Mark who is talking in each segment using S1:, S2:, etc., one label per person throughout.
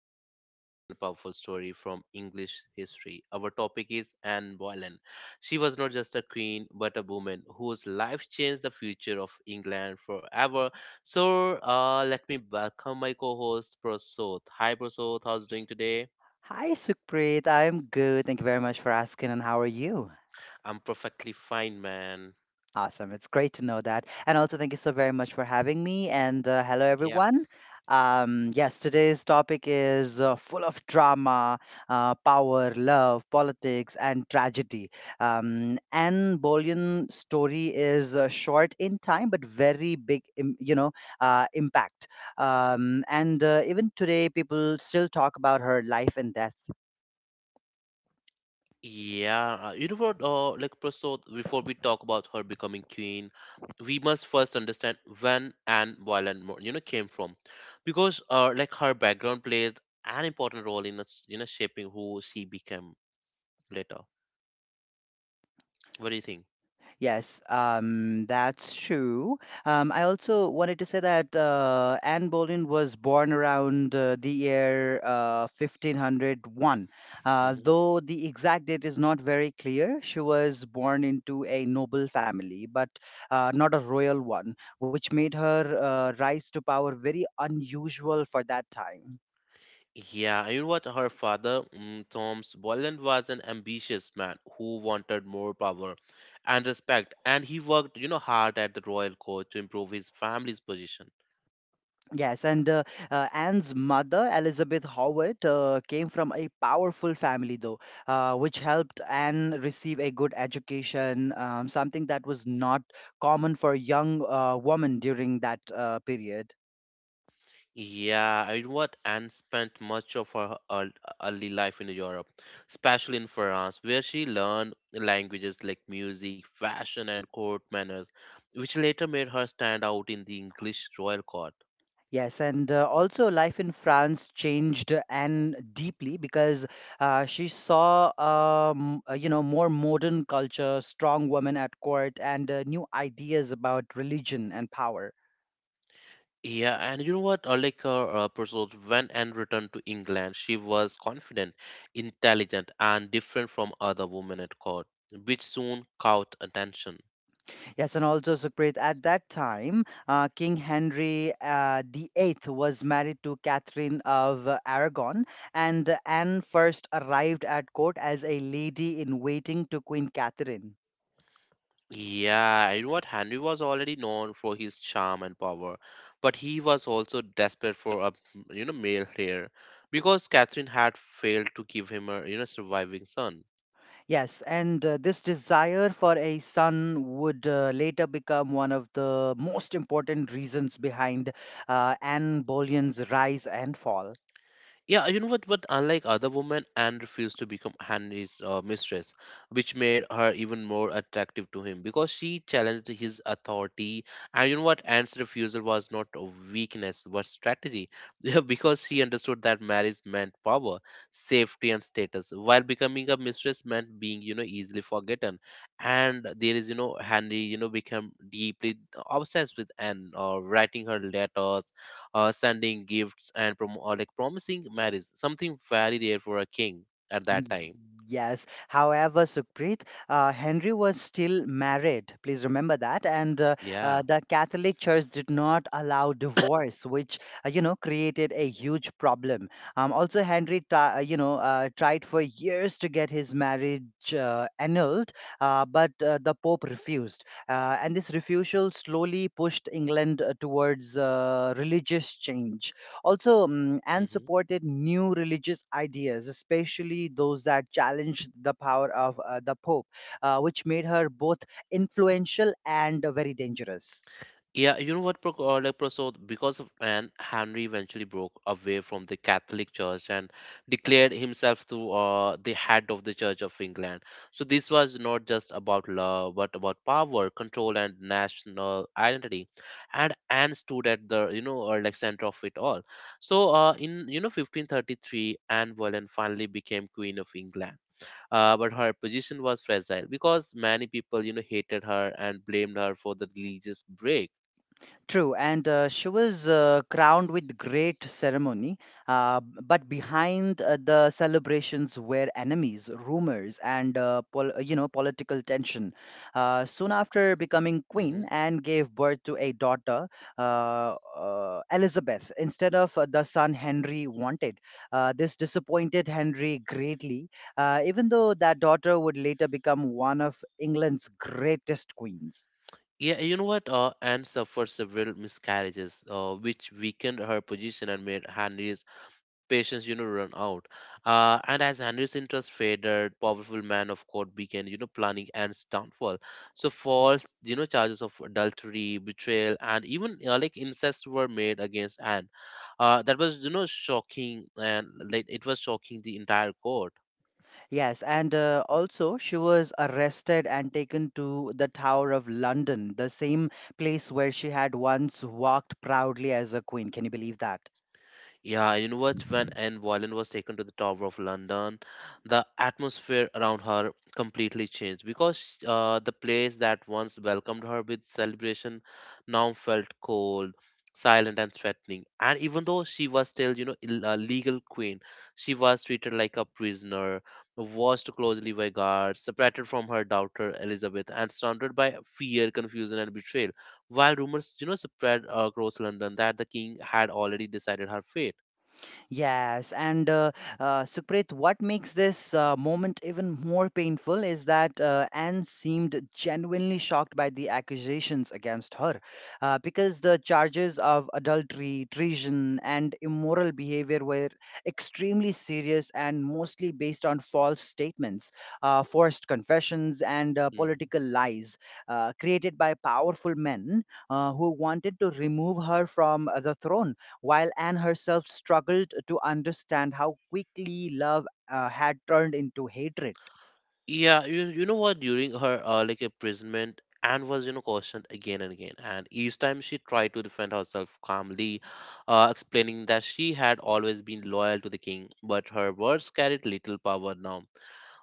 S1: very interesting and powerful story from English history. Our topic is Anne Boleyn. She was not just a queen, but a woman whose life changed the future of England forever. So let me welcome my co host, Prasoth. Hi, Prasoth, how's doing today?
S2: Hi, Sukhpreet. I'm good. Thank you very much for asking. And how are you?
S1: I'm perfectly fine, man.
S2: Awesome. It's great to know that. And also, thank you so very much for having me. And hello, everyone. Yes, today's topic is full of drama, power, love, politics, and tragedy. Anne Boleyn's story is short in time, but very big, impact. And Even today, people still talk about her life and death.
S1: Yeah, you know what? Like Prasad, before we talk about her becoming queen, we must first understand when and Violent Mo- came from, because her background played an important role in us, you know, shaping who she became later. What do you think?
S2: Yes, that's true. I also wanted to say that Anne Boleyn was born around the year 1501.
S1: hmm
S2: Though the exact date is not very clear, she was born into a noble family, but not a royal one, which made her rise to power very unusual for that time.
S1: Yeah, and you know what? Her father, Thomas Boland, was an ambitious man who wanted more power and respect, and he worked, you know, hard at the royal court to improve his family's position.
S2: Yes, and Anne's mother, Elizabeth Howard, came from a powerful family, though, which helped Anne receive a good education, something that was not common for young women during that period.
S1: Yeah, I what Anne spent much of her early life in Europe, especially in France, where she learned languages like music, fashion, and court manners, which later made her stand out in the English royal court.
S2: Yes, and Also, life in France changed Anne deeply because she saw more modern culture, strong women at court, and new ideas about religion and power.
S1: Yeah, and you know what? Like her pursuits, when Anne returned to England, she was confident, intelligent, and different from other women at court, which soon caught attention.
S2: Yes, and also, Sukhpreet, at that time, King Henry VIII was married to Catherine of Aragon, and Anne first arrived at court as a lady in waiting to Queen Catherine.
S1: Yeah, you know what? Henry was already known for his charm and power, but he was also desperate for a male heir because Catherine had failed to give him a surviving son.
S2: Yes, and This desire for a son would later become one of the most important reasons behind Anne Boleyn's rise and fall.
S1: Yeah, you know what? But unlike other women, Anne refused to become Henry's mistress, which made her even more attractive to him because she challenged his authority. And you know what? Anne's refusal was not a weakness, but strategy, yeah, because she understood that marriage meant power, safety, and status, while becoming a mistress meant being, you know, easily forgotten. And there is, you know, Henry, you know, became deeply obsessed with Anne, writing her letters, sending gifts and prom- or like promising marriage, something very rare for a king at that time.
S2: Yes. However, Sukhpreet, Henry was still married. Please remember that. And
S1: Yeah.
S2: The Catholic Church did not allow divorce, which created a huge problem. Also, Henry tried for years to get his marriage annulled, but the Pope refused. And this refusal slowly pushed England towards religious change also, and
S1: Mm-hmm.
S2: supported new religious ideas, especially those that challenged the power of the Pope, which made her both influential and very dangerous.
S1: Like Proso, because of Anne, Henry eventually broke away from the Catholic Church and declared himself to the head of the Church of England. So this was not just about love, but about power, control, and national identity. And Anne stood at the center of it all. So in 1533, Anne Boleyn finally became Queen of England, but her position was fragile because many people hated her and blamed her for the religious break.
S2: True, and she was crowned with great ceremony, but behind the celebrations were enemies, rumors, and political tension. Soon after becoming
S1: hmm
S2: queen, Anne gave birth to a daughter, Elizabeth, instead of the son Henry wanted. This disappointed Henry greatly, even though that daughter would later become one of England's greatest queens.
S1: yeah you know what Anne suffered several miscarriages, which weakened her position and made Henry's patience run out. And as Henry's interest faded, powerful man of court began planning and his downfall. So, false, charges of adultery, betrayal and even incest were made against Anne. That was shocking, and like it was shocking the entire court.
S2: Yes, and also she was arrested and taken to the Tower of London, the same place where she had once walked proudly as a queen. Can you believe that?
S1: Yeah, you know what? When Anne Boleyn was taken to the Tower of London, the atmosphere around her completely changed because the place that once welcomed her with celebration now felt cold, silent, and threatening. And even though she was still, you know, a legal queen, she was treated like a prisoner, watched closely by guards, separated from her daughter Elizabeth, and surrounded by fear, confusion, and betrayal while rumors spread across London that the king had already decided her fate.
S2: Yes, and Supreet, what makes this moment even more painful is that Anne seemed genuinely shocked by the accusations against her, because the charges of adultery, treason, and immoral behavior were extremely serious and mostly based on false statements, forced confessions, and
S1: Mhm.
S2: political lies created by powerful men who wanted to remove her from the throne, while Anne herself struggled to understand how quickly love had turned into hatred.
S1: Yeah, you know what? During her imprisonment, Anne was questioned again and again, and each time she tried to defend herself calmly, explaining that she had always been loyal to the king. But her words carried little power now,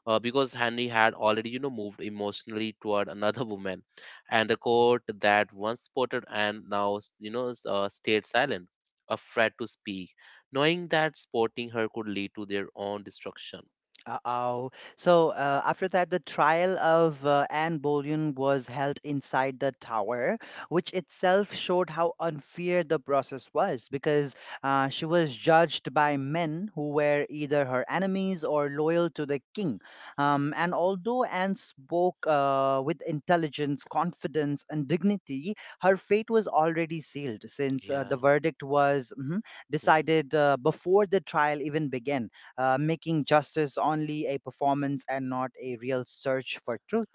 S1: because Henry had already moved emotionally toward another woman, and the court that once supported Anne now stayed silent, afraid to speak, knowing that supporting her could lead to their own destruction.
S2: Uh-oh. So after that, the trial of Anne Boleyn was held inside the tower, which itself showed how unfair the process was because she was judged by men who were either her enemies or loyal to the king. And although Anne spoke with intelligence, confidence, and dignity, her fate was already sealed, since
S1: Yeah.
S2: the verdict was
S1: Mm-hmm.
S2: decided before the trial even began, making justice only a performance and not a real search for truth.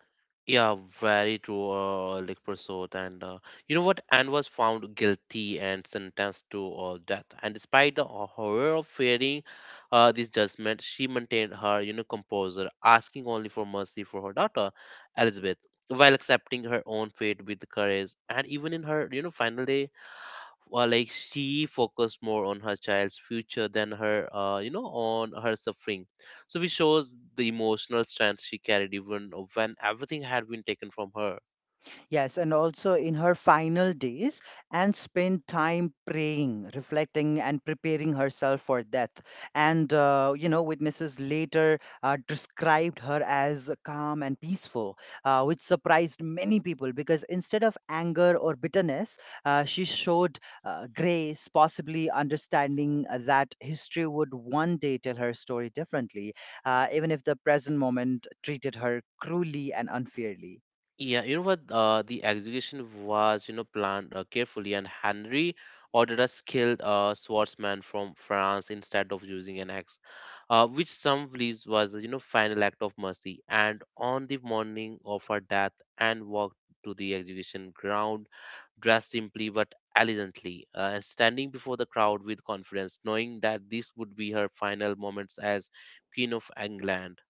S1: Yeah, very true, Likpersot. And you know what? Anne was found guilty and sentenced to death. And despite the horror of fearing this judgment, she maintained her, you know, composure, asking only for mercy for her daughter, Elizabeth, while accepting her own fate with courage. And even in her, you know, final day, she focused more on her child's future than her on her suffering, so which shows the emotional strength she carried even when everything had been taken from her.
S2: Yes, and also in her final days, Anne spent time praying, reflecting, and preparing herself for death. And witnesses later described her as calm and peaceful, which surprised many people because, instead of anger or bitterness, she showed grace, possibly understanding that history would one day tell her story differently, even if the present moment treated her cruelly and unfairly.
S1: Yeah you know what The execution was planned carefully, and Henry ordered a skilled swordsman from France instead of using an axe, which some believes was the final act of mercy. And on the morning of her death, Anne walked to the execution ground, dressed simply but elegantly, and standing before the crowd with confidence, knowing that this would be her final moments as Queen of England.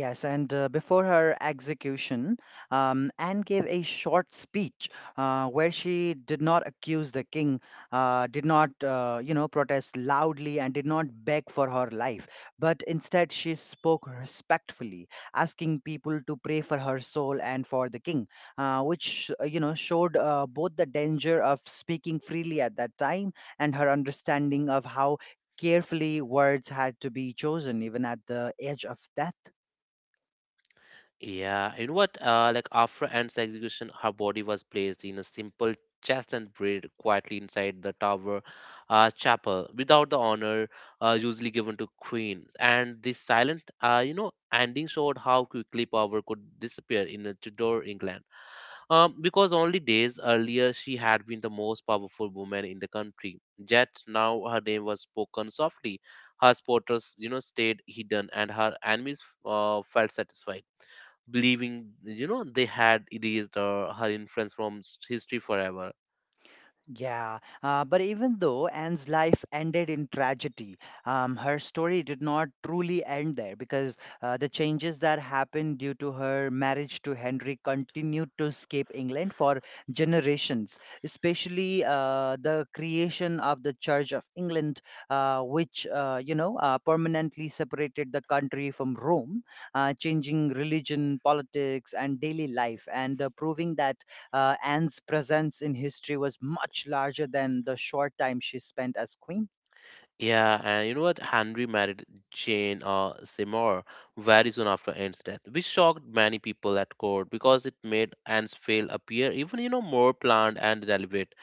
S2: Yes, and before her execution, Anne gave a short speech where she did not accuse the king, did not, protest loudly, and did not beg for her life. But instead, she spoke respectfully, asking people to pray for her soul and for the king, which showed both the danger of speaking freely at that time and her understanding of how carefully words had to be chosen even at the edge of death.
S1: Yeah, you know what? Like After Anne's execution, her body was placed in a simple chest and buried quietly inside the tower chapel without the honor usually given to queens. And this silent, ending showed how quickly power could disappear in Tudor England. Because only days earlier she had been the most powerful woman in the country. Yet now her name was spoken softly, her supporters, you know, stayed hidden, and her enemies felt satisfied, believing, you know, they had erased her influence from history forever.
S2: Yeah, but even though Anne's life ended in tragedy, her story did not truly end there, because the changes that happened due to her marriage to Henry continued to escape England for generations, especially the creation of the Church of England, which permanently separated the country from Rome, changing religion, politics, and daily life, and proving that Anne's presence in history was much larger than the short time she spent as queen.
S1: Yeah, and you know what? Henry married Jane Seymour very soon after Anne's death, which shocked many people at court because it made Anne's fail appear even more planned and deliberate.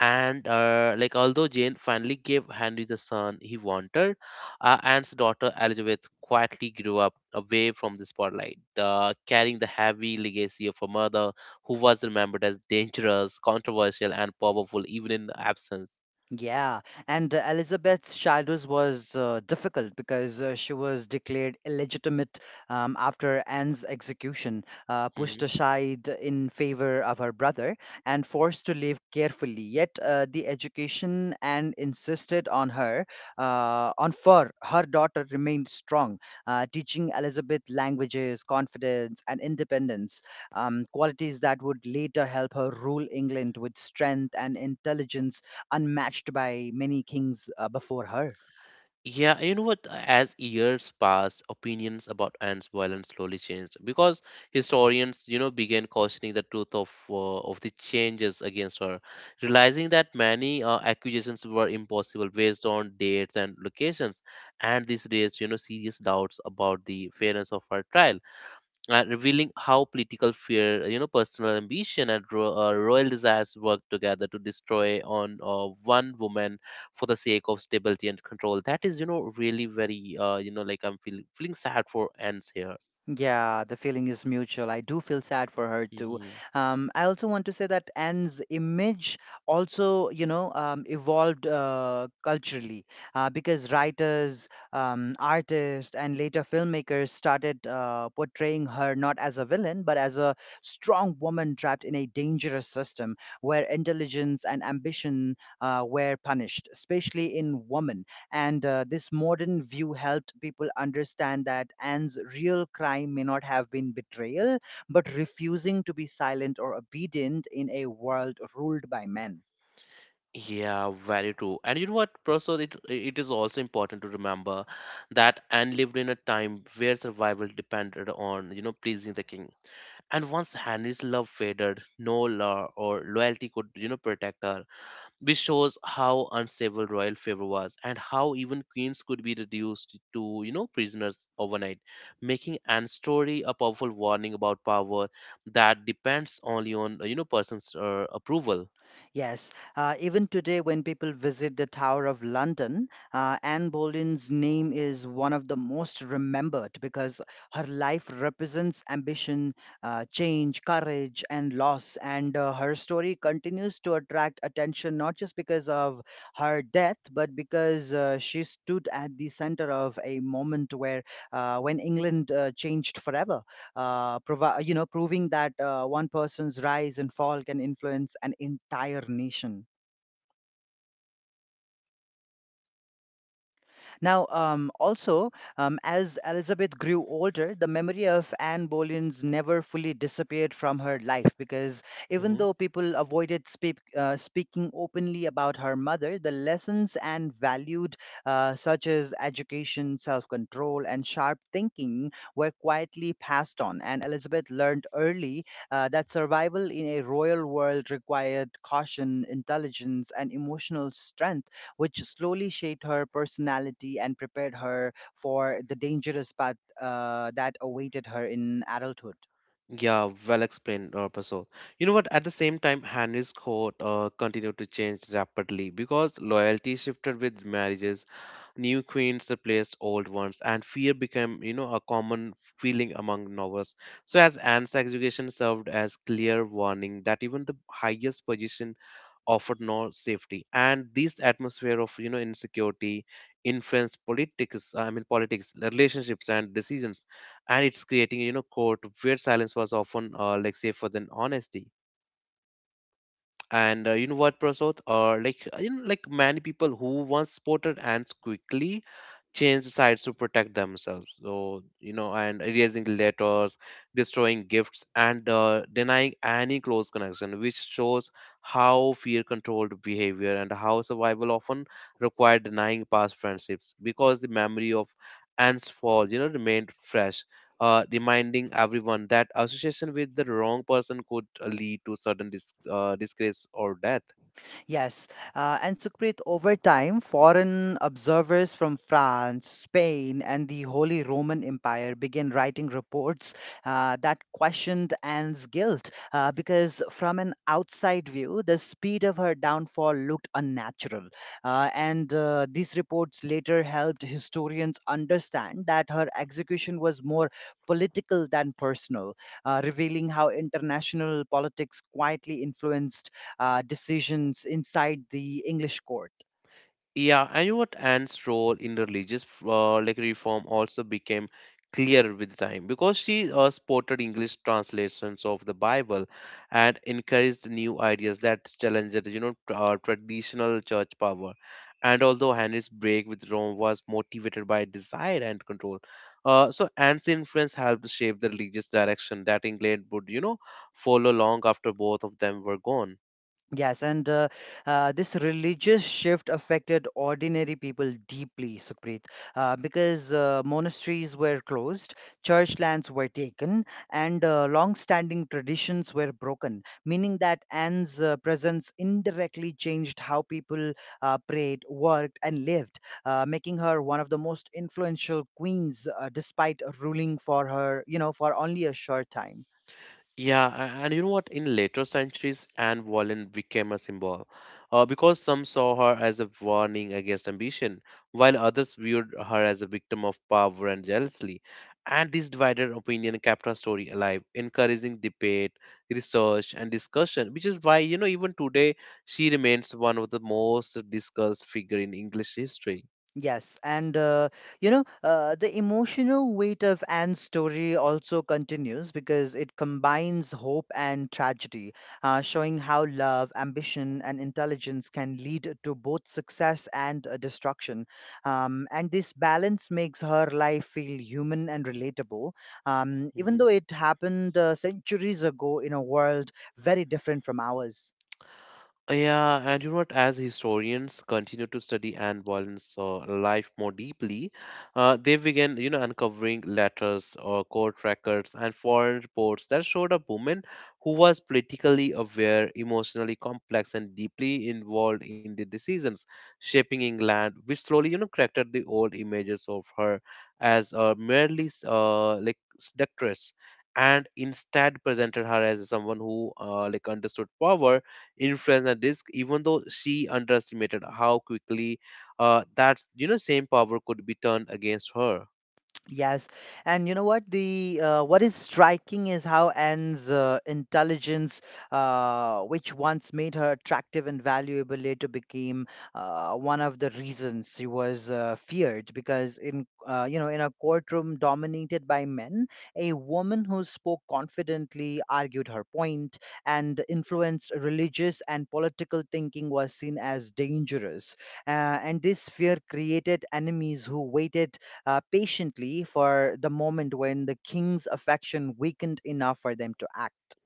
S1: And although Jane finally gave Henry the son he wanted, Anne's daughter Elizabeth quietly grew up away from the spotlight, carrying the heavy legacy of her mother who was remembered as dangerous, controversial, and powerful even in absence.
S2: Yeah, and Elizabeth's childhood was difficult because she was declared illegitimate, after Anne's execution,
S1: Mm-hmm.
S2: pushed aside in favor of her brother, and forced to live carefully. Yet the education Anne insisted on on for her daughter remained strong, teaching Elizabeth languages, confidence, and independence, qualities that would later help her rule England with strength and intelligence unmatched by many kings before her.
S1: Yeah, you know what? As years passed, opinions about ants' violence slowly changed because historians, you know, began questioning the truth of the changes against her, realizing that many accusations were impossible based on dates and locations, and this raised, you know, serious doubts about the fairness of her trial, revealing how political fear, you know, personal ambition, and royal desires work together to destroy on one woman for the sake of stability and control. That is, you know, really very, I'm feeling sad for ends here.
S2: Yeah, the feeling is mutual. I do feel sad for her too.
S1: hmm
S2: I also want to say that Anne's image also, evolved culturally, because writers, artists, and later filmmakers started portraying her not as a villain but as a strong woman trapped in a dangerous system where intelligence and ambition were punished, especially in women. And this modern view helped people understand that Anne's real crime may not have been betrayal, but refusing to be silent or obedient in a world ruled by men.
S1: Yeah, very true. And you know what, Prasad, it is also important to remember that Anne lived in a time where survival depended on, you know, pleasing the king. And once Henry's love faded, no law or loyalty could, you know, protect her, which shows how unstable royal favor was and how even queens could be reduced to prisoners overnight, making Anne's story a powerful warning about power that depends only on person's approval.
S2: Yes, even today, when people visit the Tower of London, Anne Boleyn's name is one of the most remembered because her life represents ambition, change, courage, and loss. And her story continues to attract attention not just because of her death, but because she stood at the center of a moment when England changed forever, proving that one person's rise and fall can influence an entire nation. Now, as Elizabeth grew older, the memory of Anne Boleyn's never fully disappeared from her life, because even
S1: hmm
S2: though people avoided speaking openly about her mother, the lessons Anne valued, such as education, self control, and sharp thinking, were quietly passed on. And Elizabeth learned early that survival in a royal world required caution, intelligence, and emotional strength, which slowly shaped her personality and prepared her for the dangerous path that awaited her in adulthood.
S1: yeah well explained, Prasad. You know what, at the same time, Henry's court continued to change rapidly because loyalty shifted with marriages. New queens replaced old ones, and fear became, you know, a common feeling among nobles. So, as Anne's execution served as clear warning that even the highest position offered no safety, and this atmosphere of insecurity influenced politics, I mean, politics, relationships and decisions, and it's creating court where silence was often safer than honesty. And Prasad? Or like you know, like Many people who once spotted ants quickly change sides to protect themselves. So and erasing letters, destroying gifts, and denying any close connection, which shows how fear controlled behavior and how survival often required denying past friendships because the memory of ants fall, you know, remained fresh, reminding everyone that association with the wrong person could lead to sudden disgrace or death.
S2: Yes, and Sukhpreet, over time, foreign observers from France, Spain, and the Holy Roman Empire began writing reports that questioned Anne's guilt, because from an outside view, the speed of her downfall looked unnatural. And these reports later helped historians understand that her execution was more political than personal, revealing how international politics quietly influenced decisions inside the English court.
S1: Yeah, and you know what Anne's role in religious reform also became clear with time because she supported English translations of the Bible and encouraged new ideas that challenged traditional church power. And although Henry's break with Rome was motivated by desire and control, Anne's influence helped shape the religious direction that England would follow long after both of them were gone.
S2: Yes, and this religious shift affected ordinary people deeply, Supreet, because monasteries were closed, church lands were taken, and long-standing traditions were broken, meaning that Anne's presence indirectly changed how people prayed, worked, and lived, making her one of the most influential queens, despite ruling for for only a short time.
S1: Yeah, a- and you know what? In later centuries, Anne Boleyn became a symbol because some saw her as a warning against ambition, while others viewed her as a victim of power and jealousy. And this divided opinion kept her story alive, encouraging debate, research, and discussion, which is why, even today, she remains one of the most discussed figure in English history.
S2: Yes, the emotional weight of Anne's story also continues because it combines hope and tragedy, showing how love, ambition, and intelligence can lead to both success and destruction. And this balance makes her life feel human and relatable, even
S1: Mm-hmm.
S2: though it happened centuries ago in a world very different from ours.
S1: Yeah, and you know what? As historians continue to study Anne Boleyn's life more deeply, they began, uncovering letters or court records and foreign reports that showed a woman who was politically aware, emotionally complex, and deeply involved in the decisions shaping England, which slowly, corrected the old images of her as merely like seductress. And instead presented her as someone who like understood power influence and risk even though she underestimated how quickly that same power could be turned against her.
S2: Yes, and you know what the What is striking is how Anne's intelligence, which once made her attractive and valuable, later became one of the reasons she was feared. Because in you know in a courtroom dominated by men, a woman who spoke confidently, argued her point, and influenced religious and political thinking was seen as dangerous. And this fear created enemies who waited patiently for the moment when the king's affection weakened enough for them to act.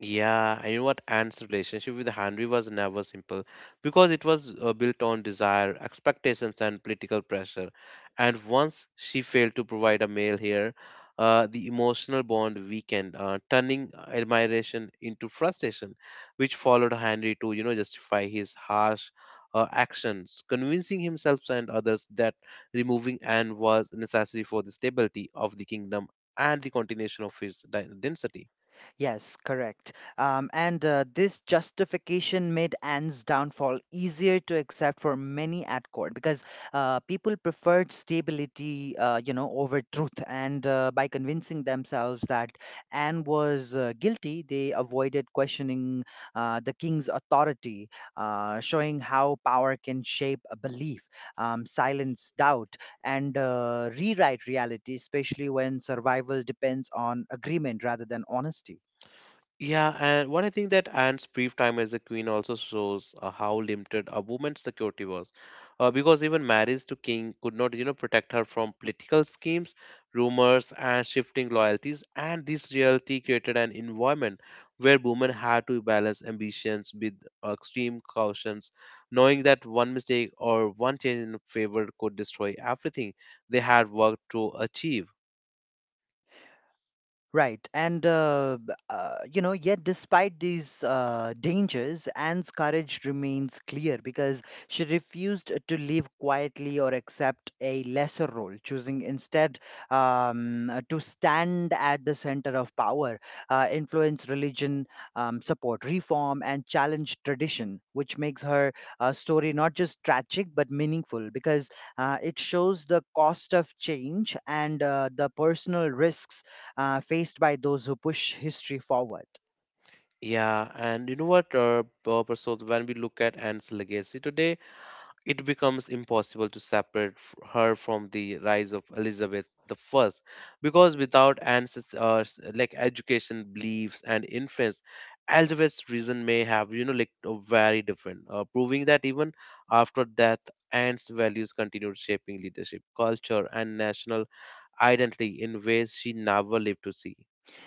S1: Yeah, and you know what? Anne's relationship with Henry was never simple because it was built on desire, expectations, and political pressure. And once she failed to provide a male heir, the emotional bond weakened, turning admiration into frustration, which followed Henry to, justify his harsh actions, convincing himself and others that removing Anne was necessary for the stability of the kingdom and the continuation of his dynasty.
S2: Yes, correct. And This justification made Anne's downfall easier to accept for many at court, because people preferred stability, over truth. And by convincing themselves that Anne was guilty, they avoided questioning the king's authority, showing how power can shape a belief, silence doubt, and rewrite reality, especially when survival depends on agreement rather than honesty.
S1: Yeah, and one I think that Anne's brief time as a queen also shows how limited a woman's security was, because even marriage to king could not, protect her from political schemes, rumors, and shifting loyalties. And this reality created an environment where women had to balance ambitions with extreme cautions, knowing that one mistake or one change in favor could destroy everything they had worked to achieve.
S2: Right. And, b- you know, yet despite these dangers, Anne's courage remains clear because she refused to live quietly or accept a lesser role, choosing instead to stand at the center of power, influence religion, support reform, and challenge tradition, which makes her story not just tragic but meaningful because it shows the cost of change and the personal risks faced by those who push history forward.
S1: Yeah, and you know what, Prasad, when we look at Anne's legacy today, it becomes impossible to separate her from the rise of Elizabeth I, because without Anne's like education, beliefs, and influence, Elizabeth's reason may have like very different, proving that even after death, Anne's values continued shaping leadership, culture, and national identity in ways she never lived to see.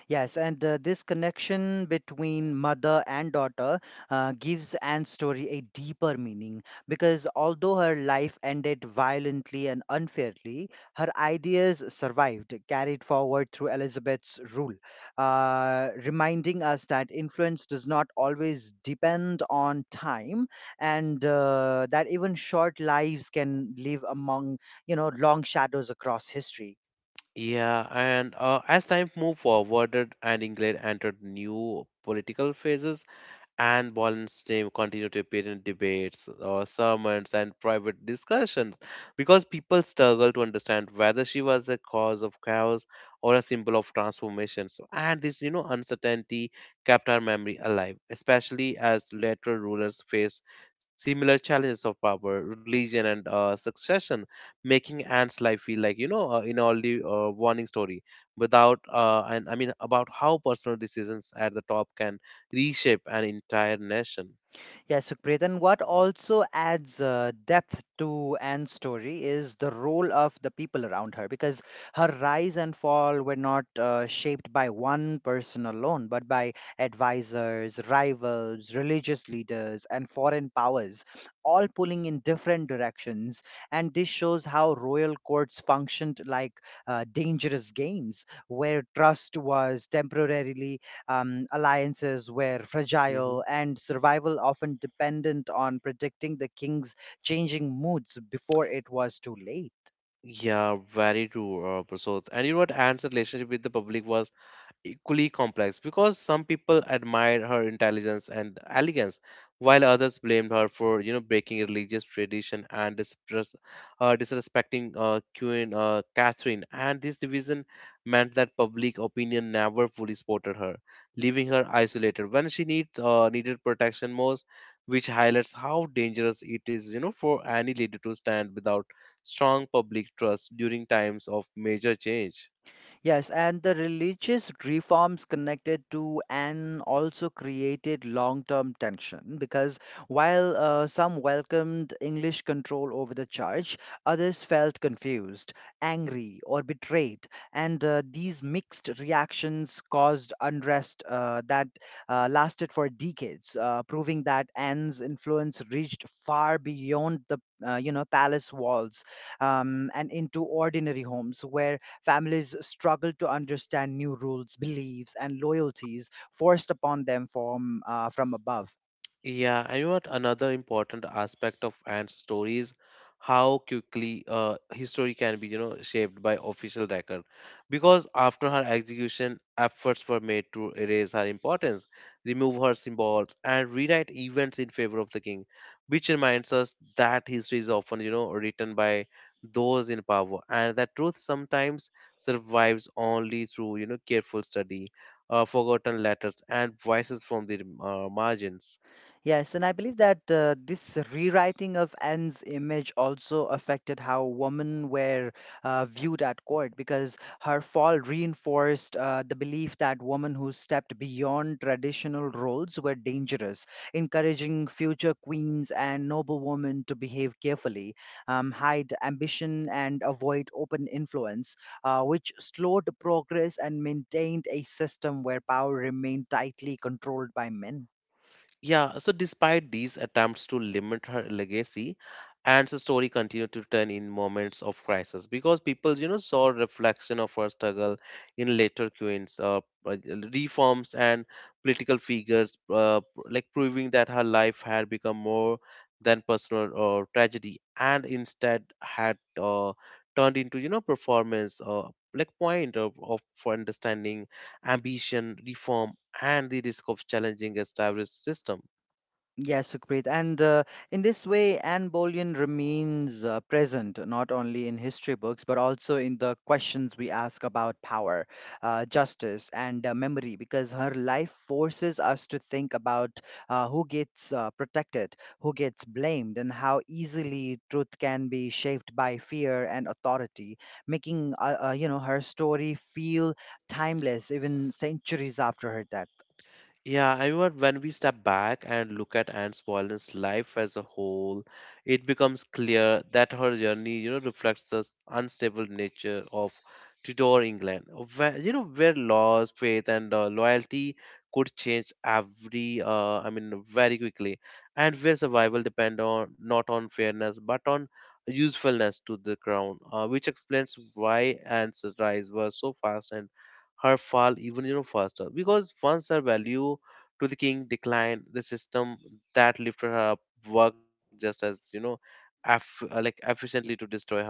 S2: Yes, and this connection between mother and daughter gives Anne's story a deeper meaning because although her life ended violently and unfairly, her ideas survived, carried forward through Elizabeth's rule, reminding us that influence does not always depend on time and that even short lives can live among, you know, long shadows across history.
S1: Yeah, and as time moved forward and England entered new political phases, and Boland's name continued to appear in debates or sermons and private discussions because people struggled to understand whether she was a cause of chaos or a symbol of transformation. So, and this, uncertainty kept her memory alive, especially as later rulers faced similar challenges of power, religion, and succession, making Anne's life feel like, in only warning story without, and I mean, about how personal decisions at the top can reshape an entire nation.
S2: Yeah, Sukhpreet, and what also adds depth to Anne's story is the role of the people around her, because her rise and fall were not shaped by one person alone, but by advisors, rivals, religious leaders, and foreign powers, all pulling in different directions. And this shows how royal courts functioned like dangerous games, where trust was temporarily, alliances were fragile,
S1: Hmm.
S2: and survival often dependent on predicting the king's changing moods before it was too late.
S1: Yeah, very true, Prasad. And you know what? Anne's relationship with the public was equally complex because some people admired her intelligence and elegance while others blamed her for breaking religious tradition and disrespecting queen Catherine, and this division meant that public opinion never fully supported her, leaving her isolated when she needs needed protection most, which highlights how dangerous it is, for any leader to stand without strong public trust during times of major change.
S2: Yes, and the religious reforms connected to and also created long term tension because while some welcomed English control over the church, others felt confused, angry, or betrayed. And these mixed reactions caused unrest that lasted for decades, proving that Anne's influence reached far beyond the you know palace walls and into ordinary homes where families struggle to understand new rules, beliefs, and loyalties forced upon them from above.
S1: Yeah, and you know what, another important aspect of ant stories, how quickly history can be, shaped by official record. Because after her execution, efforts were made to erase her importance, remove her symbols, and rewrite events in favor of the king, which reminds us that history is often, written by those in power, and that truth sometimes survives only through, careful study, forgotten letters, and voices from the margins.
S2: Yes, and I believe that this rewriting of Anne's image also affected how women were viewed at court because her fall reinforced the belief that women who stepped beyond traditional roles were dangerous, encouraging future queens and noblewomen to behave carefully, hide ambition, and avoid open influence, which slowed progress and maintained a system where power remained tightly controlled by men.
S1: Yeah, so despite these attempts to limit her legacy, Anne's story continued to turn in moments of crisis because people, saw reflection of her struggle in later queens, uh, reforms, and political figures, like proving that her life had become more than personal tragedy and instead had turned into, performance, like point of for understanding ambition, reform, and the risk of challenging established system.
S2: Yes, Sukrit. And in this way, Anne Boleyn remains present not only in history books, but also in the questions we ask about power, justice, and memory, because her life forces us to think about who gets protected, who gets blamed, and how easily truth can be shaped by fear and authority, making you know her story feel timeless even centuries after her death.
S1: Yeah, I mean, when we step back and look at Anne's Boleyn's life as a whole, it becomes clear that her journey, reflects the unstable nature of Tudor England, where laws, faith, and loyalty could change every, I mean, very quickly, and where survival depend on not on fairness but on usefulness to the crown, which explains why Anne's rise was so fast and her fall even faster, because once her value to the king declined, the system that lifted her up worked just as like efficiently to destroy her.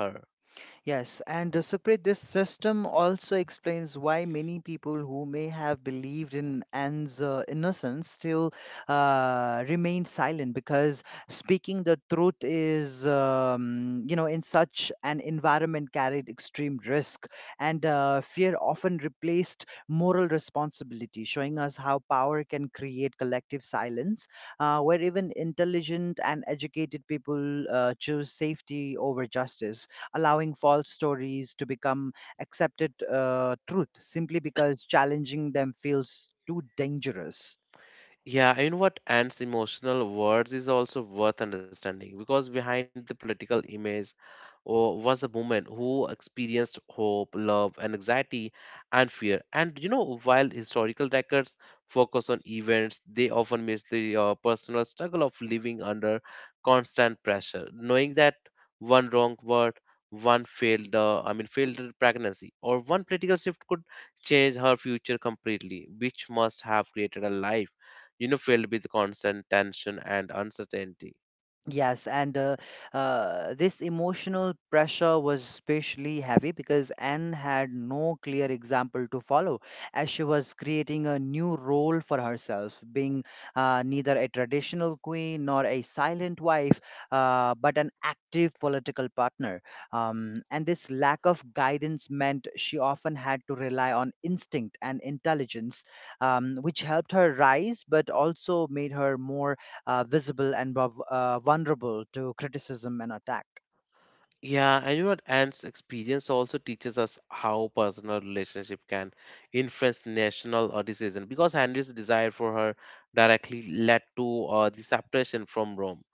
S2: Yes, and Sukrit, this system also explains why many people who may have believed in Anne's innocence still remained silent because speaking the truth is, you know, in such an environment carried extreme risk and fear often replaced moral responsibility, showing us how power can create collective silence, where even intelligent and educated people choose safety over justice, allowing false stories to become accepted truth simply because challenging them feels too dangerous.
S1: Yeah, you know what? Ant's emotional words is also worth understanding because behind the political image, oh, was a woman who experienced hope, love, and anxiety and fear. And while historical records focus on events, they often miss the personal struggle of living under constant pressure, knowing that one wrong word, one failed, I mean, failed pregnancy, or one political shift could change her future completely, which must have created a life, filled with constant tension and uncertainty.
S2: Yes, and This emotional pressure was especially heavy because Anne had no clear example to follow, as she was creating a new role for herself, being neither a traditional queen nor a silent wife, but an active political partner. And this lack of guidance meant she often had to rely on instinct and intelligence, which helped her rise, but also made her more visible and vulnerable to criticism and attack.
S1: Yeah, and you know what? Ant's experience also teaches us how personal relationship can influence national decision because Henry's desire for her directly led to the separation from Rome,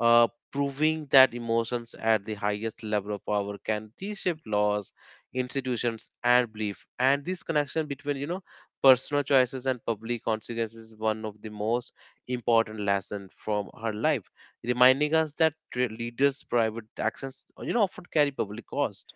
S1: uh, proving that emotions at the highest level of power can reshape laws, institutions, and belief. And this connection between, personal choices and public consequences is one of the most important lessons from her life, reminding us that leaders' private actions, often carry public cost.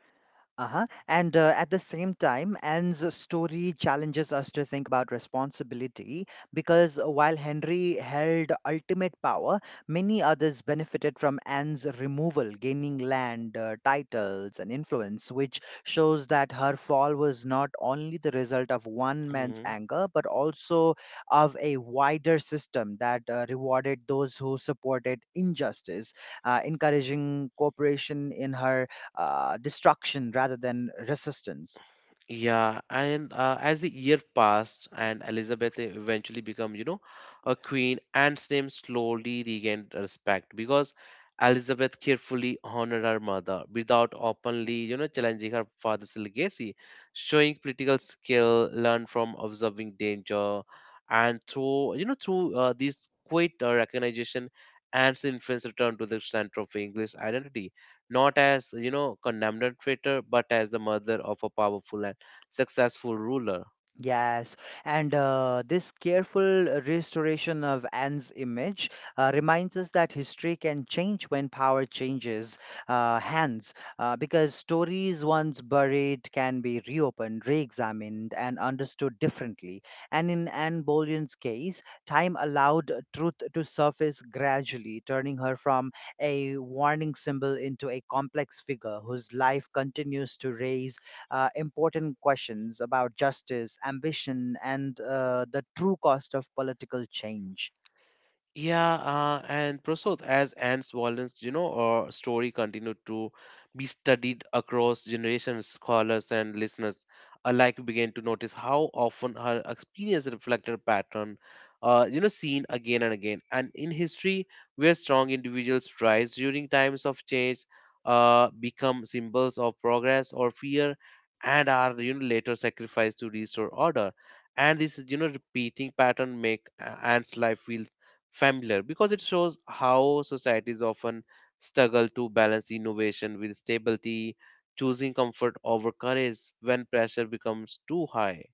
S2: Uh-huh. And at the same time, Anne's story challenges us to think about responsibility because while Henry held ultimate power, many others benefited from Anne's removal, gaining land, titles, and influence, which shows that her fall was not only the result of one man's
S1: Mhm.
S2: anger, but also of a wider system that rewarded those who supported injustice, encouraging cooperation in her destruction rather than resistance.
S1: Yeah, and as the year passed and Elizabeth eventually became, a queen, Anne's name slowly regained respect because Elizabeth carefully honored her mother without openly, challenging her father's legacy, showing political skill learned from observing danger, and through, you know, through this quiet recognition, Anne's influence returned to the center of English identity, not as, condemned traitor, but as the mother of a powerful successful ruler.
S2: Yes, and this careful restoration of Anne's image reminds us that history can change when power changes hands, because stories once buried can be reopened, re examined, and understood differently. And in Anne Boleyn's case, time allowed truth to surface gradually, turning her from a warning symbol into a complex figure whose life continues to raise important questions about justice, ambition, and the true cost of political change.
S1: Yeah, and Prasad, as Anne's violence, or story continued to be studied across generations, scholars and listeners alike began to notice how often her experience reflected a pattern, seen again and again. And in history, where strong individuals rise during times of change, become symbols of progress or fear, and are later sacrificed to restore order. And this, repeating pattern make Anne's life feel familiar because it shows how societies often struggle to balance innovation with stability, choosing comfort over courage when pressure becomes too high.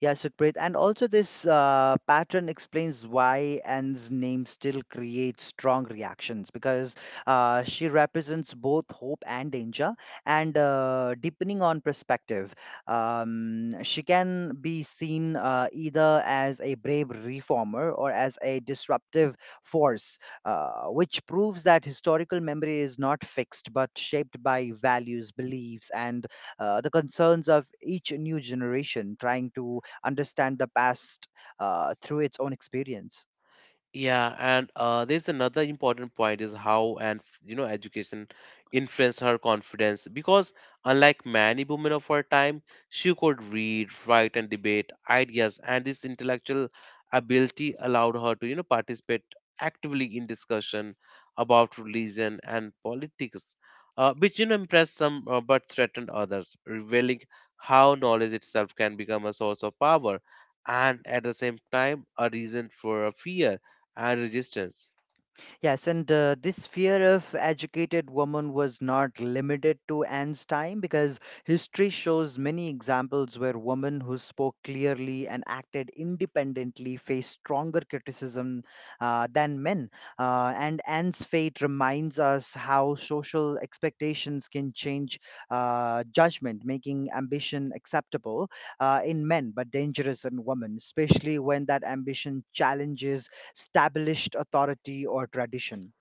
S2: Yeah, Sukrit. And also, this pattern explains why Anne's name still creates strong reactions because she represents both hope and danger. And depending on perspective, she can be seen either as a brave reformer or as a disruptive force, which proves that historical memory is not fixed but shaped by values, beliefs, and the concerns of each new generation trying to understand the past through its own experience.
S1: Yeah, and there's another important point is how and education influenced her confidence because, unlike many women of her time, she could read, write, and debate ideas, and this intellectual ability allowed her to, participate actively in discussion about religion and politics, which impressed some but threatened others, revealing how knowledge itself can become a source of power and at the same time a reason for a fear and resistance.
S2: Yes, and this fear of educated woman was not limited to Anne's time because history shows many examples where women who spoke clearly and acted independently faced stronger criticism than men. And Anne's fate reminds us how social expectations can change judgment, making ambition acceptable in men but dangerous in women, especially when that ambition challenges established authority or tradition.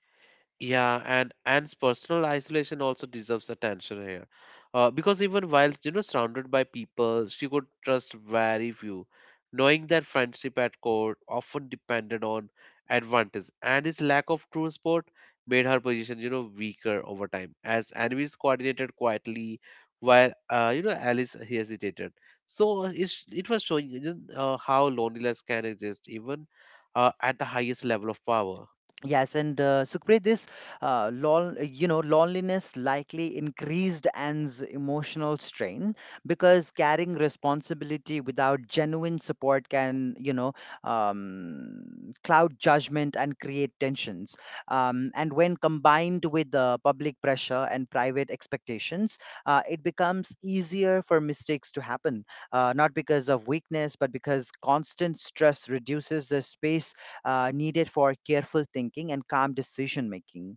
S1: Yeah, and Anne's personal isolation also deserves attention here, because even while, surrounded by people, she could trust very few, knowing that friendship at court often depended on advantage, and his lack of true support made her position, weaker over time as enemies coordinated quietly, while Alice hesitated. So it was showing, how loneliness can exist even at the highest level of power.
S2: Yes, and Sukhpreet, this you know, loneliness likely increased Anne's emotional strain because carrying responsibility without genuine support can, you know, cloud judgment and create tensions. And when combined with the public pressure and private expectations, it becomes easier for mistakes to happen, not because of weakness, but because constant stress reduces the space needed for careful thinking and calm decision making.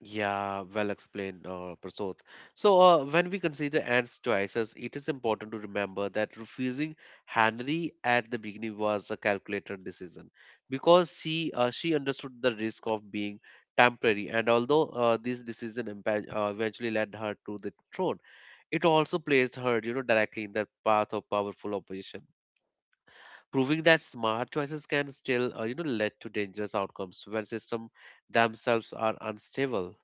S1: Yeah, well explained, Prasad. So, when we consider Anne's choices, it is important to remember that refusing Henry at the beginning was a calculated decision because she understood the risk of being temporary. And although this decision eventually led her to the throne, it also placed her, directly in the path of powerful opposition. Proving that smart choices can still, lead to dangerous outcomes when systems themselves are unstable.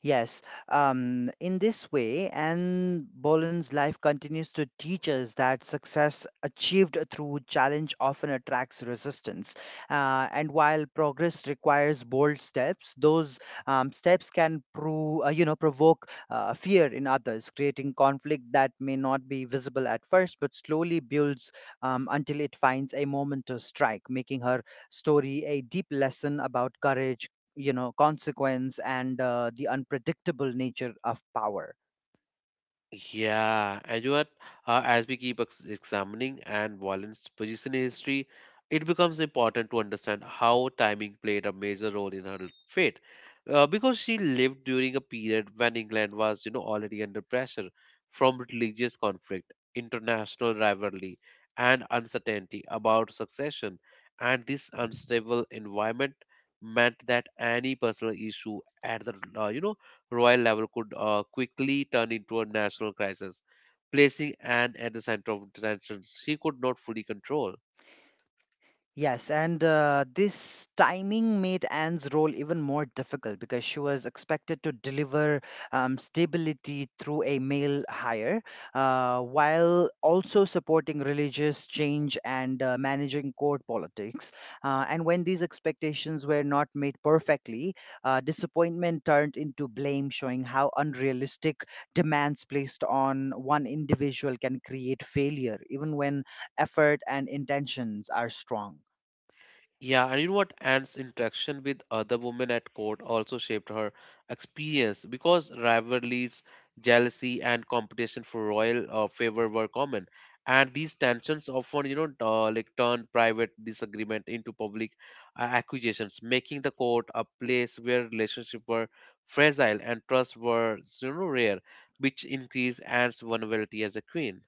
S2: Yes, in this way, Anne Boleyn's life continues to teach us that success achieved through challenge often attracts resistance. And while progress requires bold steps, those steps can you know, provoke fear in others, creating conflict that may not be visible at first, but slowly builds until it finds a moment to strike, making her story a deep lesson about courage, you know, consequence, and the unpredictable nature of power.
S1: Yeah, and you are, as we keep examining and Wallen's position in history, it becomes important to understand how timing played a major role in her fate, because she lived during a period when England was, already under pressure from religious conflict, international rivalry, and uncertainty about succession, and this unstable environment meant that any personal issue at the, royal level could quickly turn into a national crisis, placing Anne at the center of tensions she could not fully control.
S2: Yes, and this timing made Anne's role even more difficult because she was expected to deliver stability through a male hire, while also supporting religious change and managing court politics. And when these expectations were not made perfectly, disappointment turned into blame, showing how unrealistic demands placed on one individual can create failure, even when effort and intentions are strong.
S1: Yeah, and you know what? Anne's interaction with other women at court also shaped her experience because rivalries, jealousy, and competition for royal favor were common. And these tensions often, turned private disagreement into public accusations, making the court a place where relationships were fragile and trust was rare, which increased Anne's vulnerability as a queen.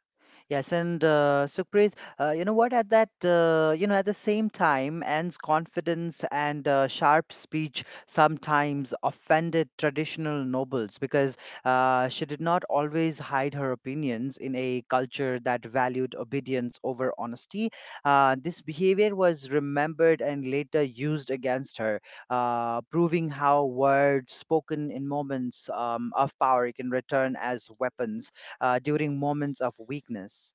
S2: Yes, and Sukhpreet, you know what? You know, at the same time, Anne's confidence and sharp speech sometimes offended traditional nobles because she did not always hide her opinions in a culture that valued obedience over honesty. This behavior was remembered and later used against her, proving how words spoken in moments of power can return as weapons during moments of weakness.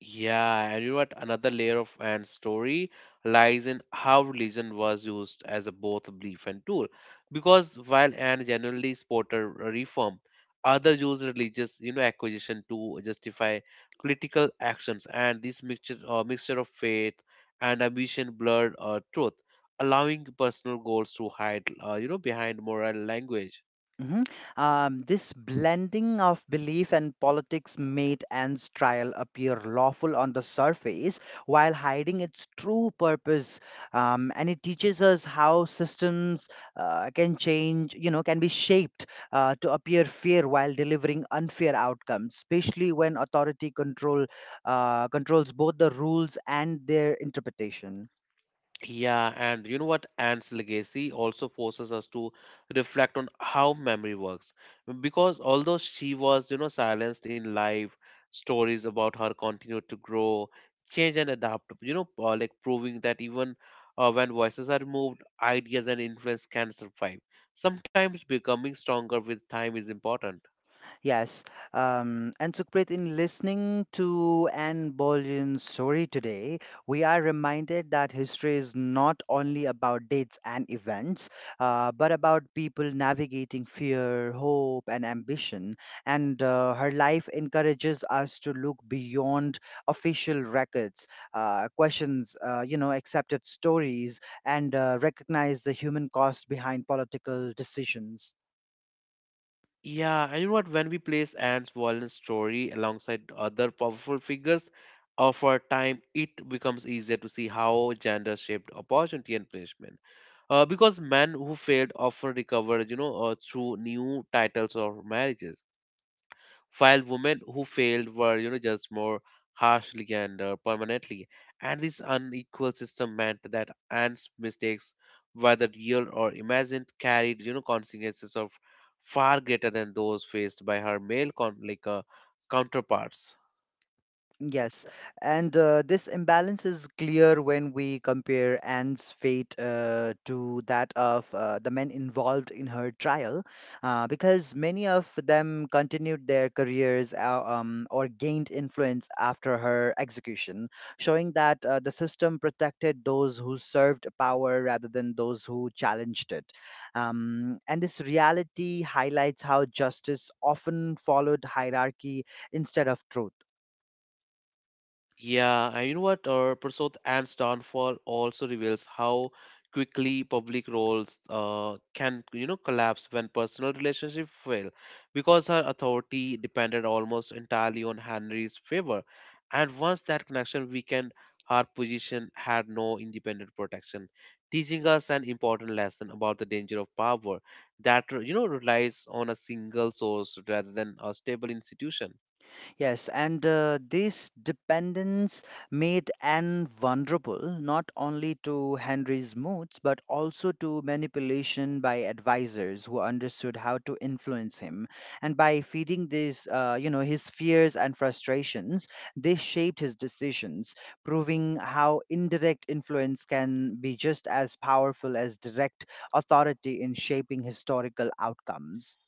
S1: Yeah, and you know what? Another layer of and story lies in how religion was used as a both belief and tool, because while Anne generally supported reform, others used religious acquisition to justify political actions, and this mixture of faith and ambition blurred truth, allowing personal goals to hide, behind moral language.
S2: Mhm. This blending of belief and politics made Anne's trial appear lawful on the surface while hiding its true purpose. And it teaches us how systems you know, can be shaped to appear fair while delivering unfair outcomes, especially when authority control controls both the rules and their interpretation.
S1: Yeah, and you know what? Anne's legacy also forces us to reflect on how memory works, because although she was silenced in life, stories about her continued to grow, change, and adapt, proving that even when voices are removed, ideas and influence can survive, sometimes becoming stronger with time is important.
S2: Yes, and Sukhpreet, in listening to Anne Boleyn's story today, we are reminded that history is not only about dates and events, but about people navigating fear, hope, and ambition. And her life encourages us to look beyond official records, questions, you know, accepted stories, and recognize the human cost behind political decisions.
S1: Yeah, and you know what? When we place Anne's violent story alongside other powerful figures of our time, it becomes easier to see how gender shaped opportunity and punishment. Because men who failed often recover, through new titles or marriages, while women who failed were just more harshly and permanently, and this unequal system meant that Anne's mistakes, whether real or imagined, carried consequences of far greater than those faced by her male counterparts.
S2: Yes, and this imbalance is clear when we compare Anne's fate to that of the men involved in her trial, because many of them continued their careers or gained influence after her execution, showing that the system protected those who served power rather than those who challenged it. And this reality highlights how justice often followed hierarchy instead of truth.
S1: Yeah, and you know what? Our Prasad Anne's downfall also reveals how quickly public roles can collapse when personal relationships fail, because her authority depended almost entirely on Henry's favor, and once that connection weakened, her position had no independent protection, teaching us an important lesson about the danger of power that relies on a single source rather than a stable institution.
S2: Yes, and this dependence made Anne vulnerable not only to Henry's moods but also to manipulation by advisors who understood how to influence him. And by feeding you know, his fears and frustrations, they shaped his decisions, proving how indirect influence can be just as powerful as direct authority in shaping historical outcomes.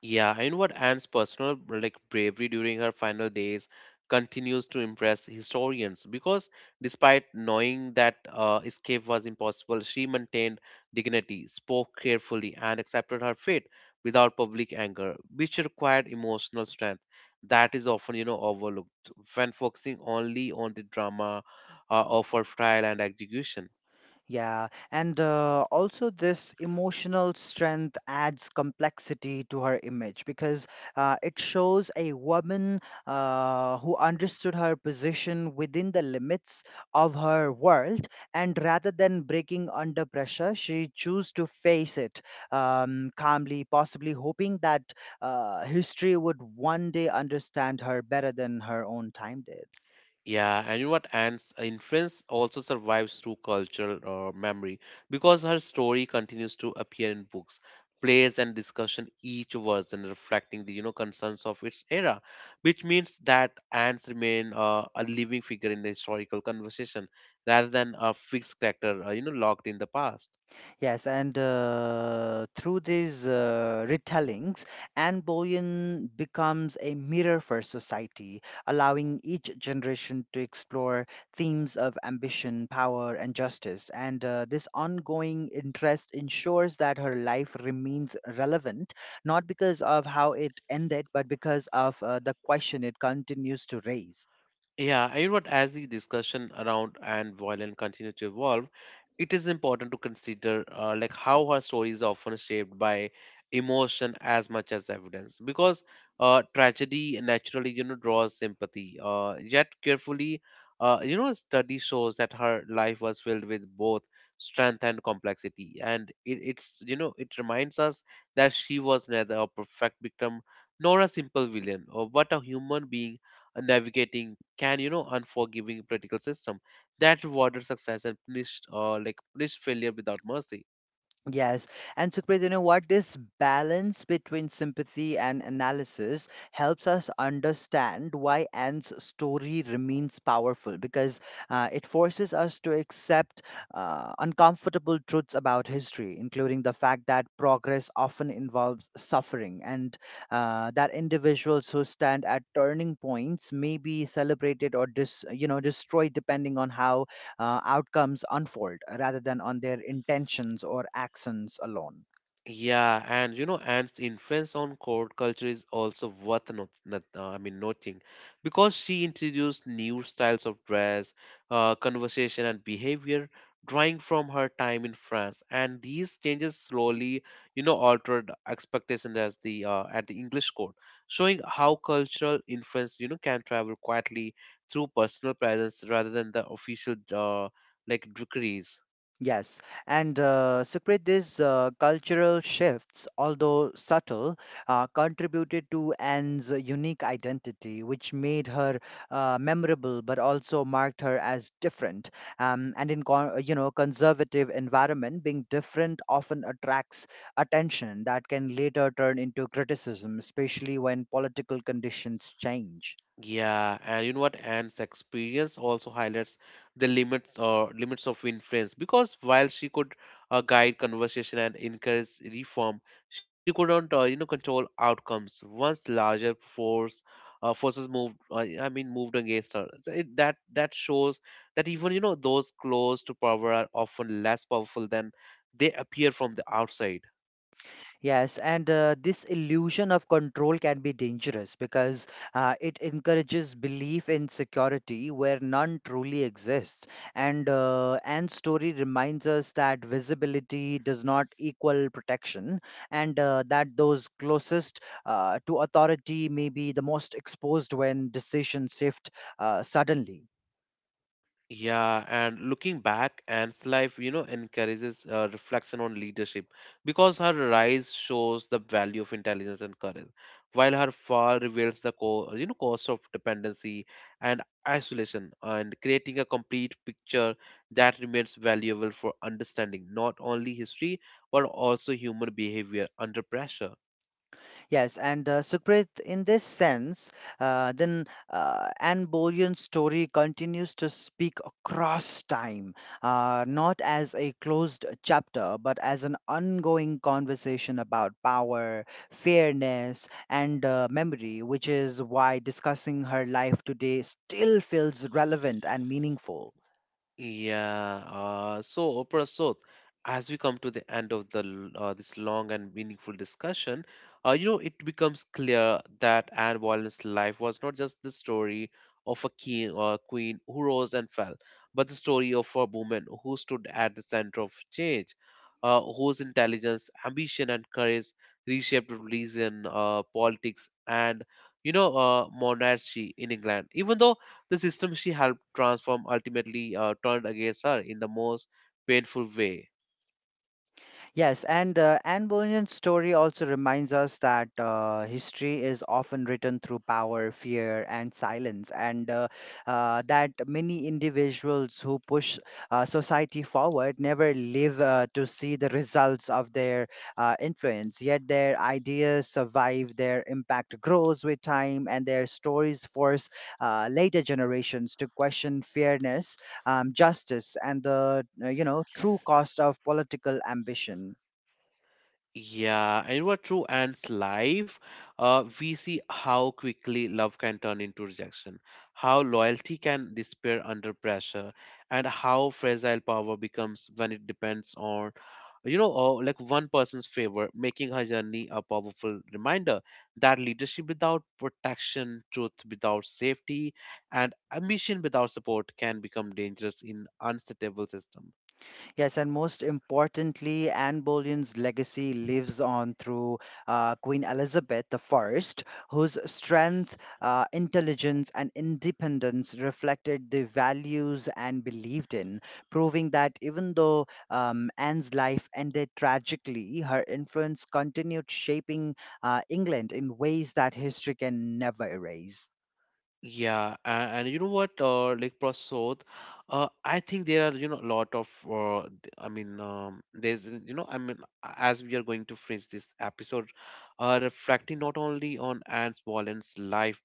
S1: Yeah, and what Anne's personal bravery during her final days continues to impress historians because, despite knowing that escape was impossible, she maintained dignity, spoke carefully, and accepted her fate without public anger, which required emotional strength that is often overlooked when focusing only on the drama of her trial and execution.
S2: Yeah, and also this emotional strength adds complexity to her image because it shows a woman who understood her position within the limits of her world, and rather than breaking under pressure, she chose to face it calmly, possibly hoping that history would one day understand her better than her own time did.
S1: Yeah, and you know what? Anne's influence also survives through cultural memory, because her story continues to appear in books, plays, and discussion, each version reflecting the concerns of its era, which means that Anne's remain a living figure in the historical conversation rather than a fixed character locked in the past.
S2: Yes, and through these retellings, Anne Boleyn becomes a mirror for society, allowing each generation to explore themes of ambition, power, and justice. And this ongoing interest ensures that her life remains relevant, not because of how it ended, but because of the question it continues to raise.
S1: Yeah, and you know what? As the discussion around Anne Boleyn continue to evolve, it is important to consider how her story is often shaped by emotion as much as evidence, because tragedy naturally draws sympathy. Yet carefully, study shows that her life was filled with both strength and complexity, and it, it's you know it reminds us that she was neither a perfect victim nor a simple villain, but a human being navigating can unforgiving political system that rewarded success and punished punished failure without mercy.
S2: Yes, and Sukrit, you know what? This balance between sympathy and analysis helps us understand why Anne's story remains powerful because it forces us to accept uncomfortable truths about history, including the fact that progress often involves suffering and that individuals who stand at turning points may be celebrated or destroyed depending on how outcomes unfold rather than on their intentions or actions alone.
S1: Yeah, and Anne's influence on court culture is also worth not, not, I mean, noting, because she introduced new styles of dress, conversation, and behavior, drawing from her time in France. And these changes slowly, altered expectations as the at the English court, showing how cultural influence, can travel quietly through personal presence rather than the official decrees.
S2: Yes, and Sukrit, these cultural shifts, although subtle, contributed to Anne's unique identity, which made her memorable, but also marked her as different. And in conservative environment, being different often attracts attention that can later turn into criticism, especially when political conditions change.
S1: Yeah, and you know what? Anne's experience also highlights the limits of influence, because while she could guide conversation and encourage reform, she could not, control outcomes once larger forces moved, moved against her. So It, that that shows that even those close to power are often less powerful than they appear from the outside.
S2: Yes, and this illusion of control can be dangerous because it encourages belief in security where none truly exists. And Anne's story reminds us that visibility does not equal protection, and that those closest to authority may be the most exposed when decisions shift suddenly.
S1: Yeah, and looking back, Anne's life, encourages reflection on leadership, because her rise shows the value of intelligence and courage, while her fall reveals the cost of dependency and isolation, and creating a complete picture that remains valuable for understanding not only history but also human behavior under pressure.
S2: Yes, and Sukrit, in this sense, then Anne Boleyn's story continues to speak across time, not as a closed chapter, but as an ongoing conversation about power, fairness, and memory, which is why discussing her life today still feels relevant and meaningful.
S1: Yeah. So, Oprah. As we come to the end of this long and meaningful discussion, it becomes clear that Anne Boleyn's life was not just the story of a king or queen who rose and fell, but the story of a woman who stood at the center of change, whose intelligence, ambition, and courage reshaped religion, politics, and monarchy in England, even though the system she helped transform ultimately turned against her in the most painful way.
S2: Yes, and Anne Boleyn's story also reminds us that history is often written through power, fear, and silence, and that many individuals who push society forward never live to see the results of their influence. Yet their ideas survive, their impact grows with time, and their stories force later generations to question fairness, justice, and the true cost of political ambition.
S1: Yeah, and what through Anne's life, we see how quickly love can turn into rejection, how loyalty can disappear under pressure, and how fragile power becomes when it depends on one person's favor, making her journey a powerful reminder that leadership without protection, truth without safety, and ambition without support can become dangerous in unstable system.
S2: Yes, and most importantly, Anne Boleyn's legacy lives on through Queen Elizabeth I, whose strength, intelligence, and independence reflected the values Anne believed in, proving that even though Anne's life ended tragically, her influence continued shaping England in ways that history can never erase.
S1: Yeah, and you know what, like Prasad, I think there are you know a lot of th- I mean there's you know I mean as we are going to phrase this episode, reflecting not only on Anne's Boleyn's life,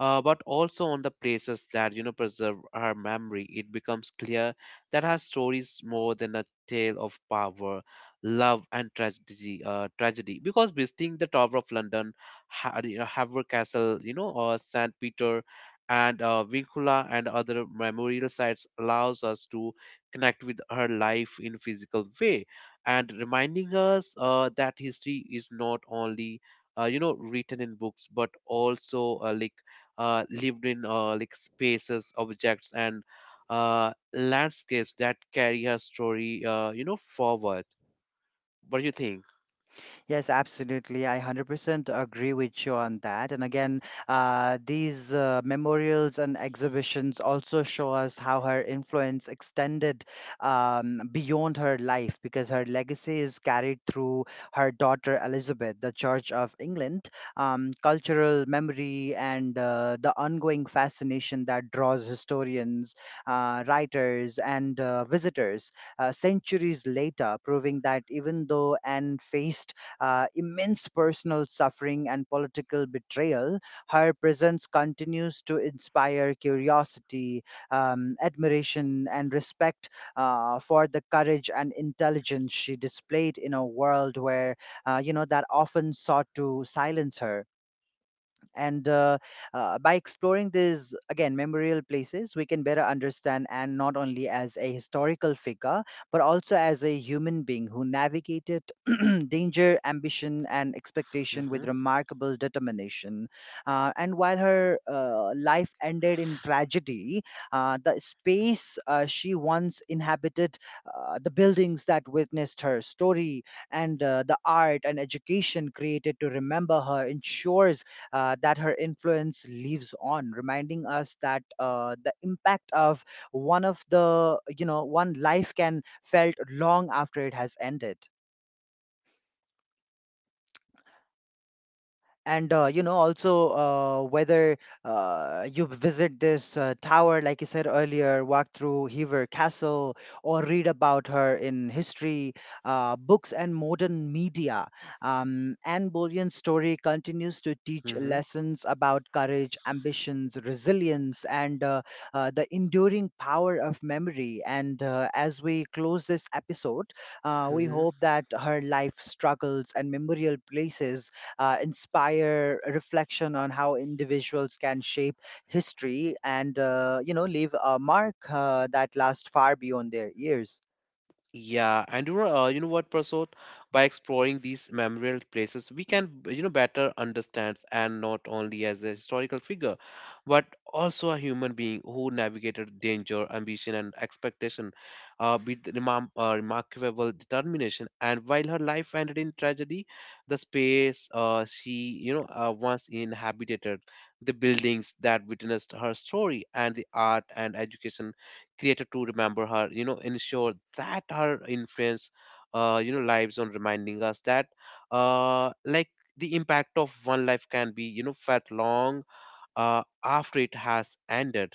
S1: but also on the places that preserve her memory, it becomes clear that her story is more than a tale of power, love, and tragedy. Tragedy, because visiting the Tower of London, Haver Castle, or St. Peter and Vincula and other memorial sites allows us to connect with her life in physical way and reminding us that history is not only written in books but also lived in spaces, objects, and landscapes that carry her story forward. What do you think?
S2: Yes, absolutely. I 100% agree with you on that. And again, these memorials and exhibitions also show us how her influence extended beyond her life because her legacy is carried through her daughter Elizabeth, the Church of England, cultural memory, and the ongoing fascination that draws historians, writers, and visitors centuries later, proving that even though Anne faced immense personal suffering and political betrayal, her presence continues to inspire curiosity, admiration, and respect for the courage and intelligence she displayed in a world where, that often sought to silence her. And by exploring these again memorial places, we can better understand and not only as a historical figure but also as a human being who navigated danger, ambition, and expectation
S1: Mm-hmm.
S2: with remarkable determination, and while her life ended in tragedy, the space she once inhabited, the buildings that witnessed her story, and the art and education created to remember her ensures that her influence lives on, reminding us that the impact of one of the you know one life can felt long after it has ended. And also, whether you visit this tower like you said earlier, walk through Hever Castle, or read about her in history books and modern media, Anne Boleyn's story continues to teach
S1: Mm-hmm.
S2: lessons about courage, ambitions, resilience, and the enduring power of memory. And as we close this episode, we
S1: Mm-hmm.
S2: hope that her life, struggles, and memorial places inspire a reflection on how individuals can shape history and leave a mark that lasts far beyond their years.
S1: Yeah, and Prasad? By exploring these memorial places, we can, better understand and not only as a historical figure, but also a human being who navigated danger, ambition, and expectation, with remarkable determination. And while her life ended in tragedy, the space she, once inhabited, the buildings that witnessed her story, and the art and education creator to remember her ensure that her influence lives on, reminding us that uh, like the impact of one life can be felt long after it has ended.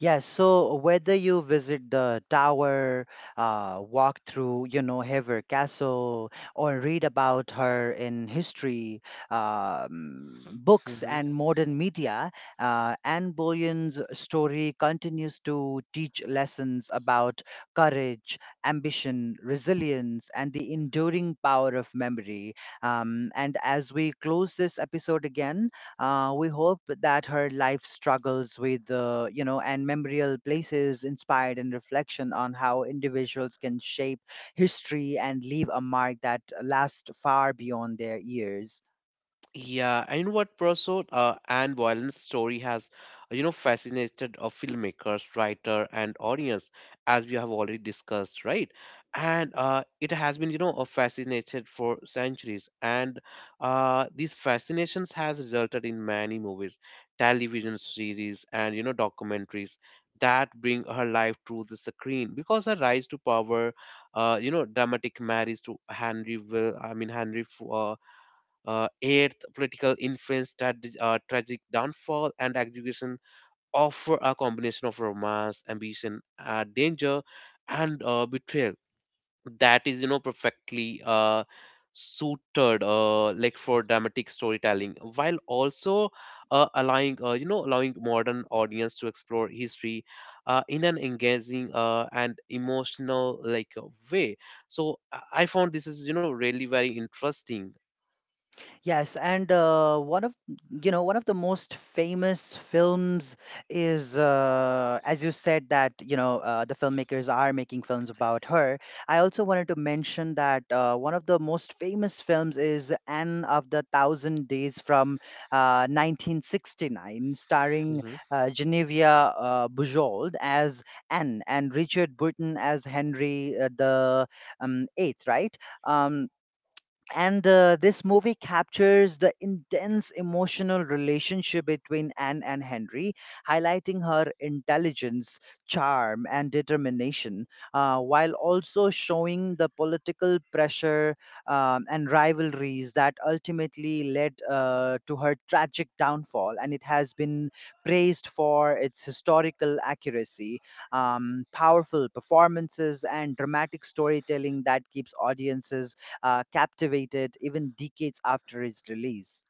S2: Yeah, so whether you visit the tower, walk through, you know, Hever Castle, or read about her in history, books,
S1: Mm-hmm.
S2: and modern media, Anne Boleyn's story continues to teach lessons about courage, ambition, resilience, and the enduring power of memory. And as we close this episode again, we hope that her life struggles with, and memorial places inspired and reflection on how individuals can shape history and leave a mark that lasts far beyond their years.
S1: Yeah, and what Prosod and Violent's story has, fascinated filmmakers, writer, and audience, as we have already discussed, right? And it has been, fascinated for centuries, and these fascinations has resulted in many movies, television series, and documentaries that bring her life to the screen, because her rise to power, dramatic marriage to Henry Will, I mean Henry, eighth, political influence, tragic downfall, and execution offer a combination of romance, ambition, danger, and betrayal that is perfectly suited for dramatic storytelling while also allowing you know allowing modern audience to explore history in an engaging and emotional way. So I found this is really very interesting.
S2: Yes, and one of the most famous films is as you said, that you know the filmmakers are making films about her. I also wanted to mention that one of the most famous films is Anne of the Thousand Days from 1969, starring Genevieve Bujold as Anne and Richard Burton as Henry the Eighth, right? Um, and This movie captures the intense emotional relationship between Anne and Henry, highlighting her intelligence, charm, and determination, while also showing the political pressure and rivalries that ultimately led to her tragic downfall. And it has been praised for its historical accuracy, powerful performances, and dramatic storytelling that keeps audiences captivated even decades after its release.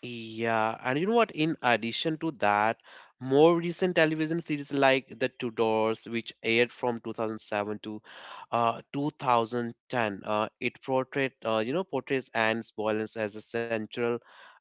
S1: Yeah, and you know what? In addition to that, more recent television series like The Tudors, which aired from 2007 to 2010, it portrayed, you know, portrays Anne's Boleyn as a central,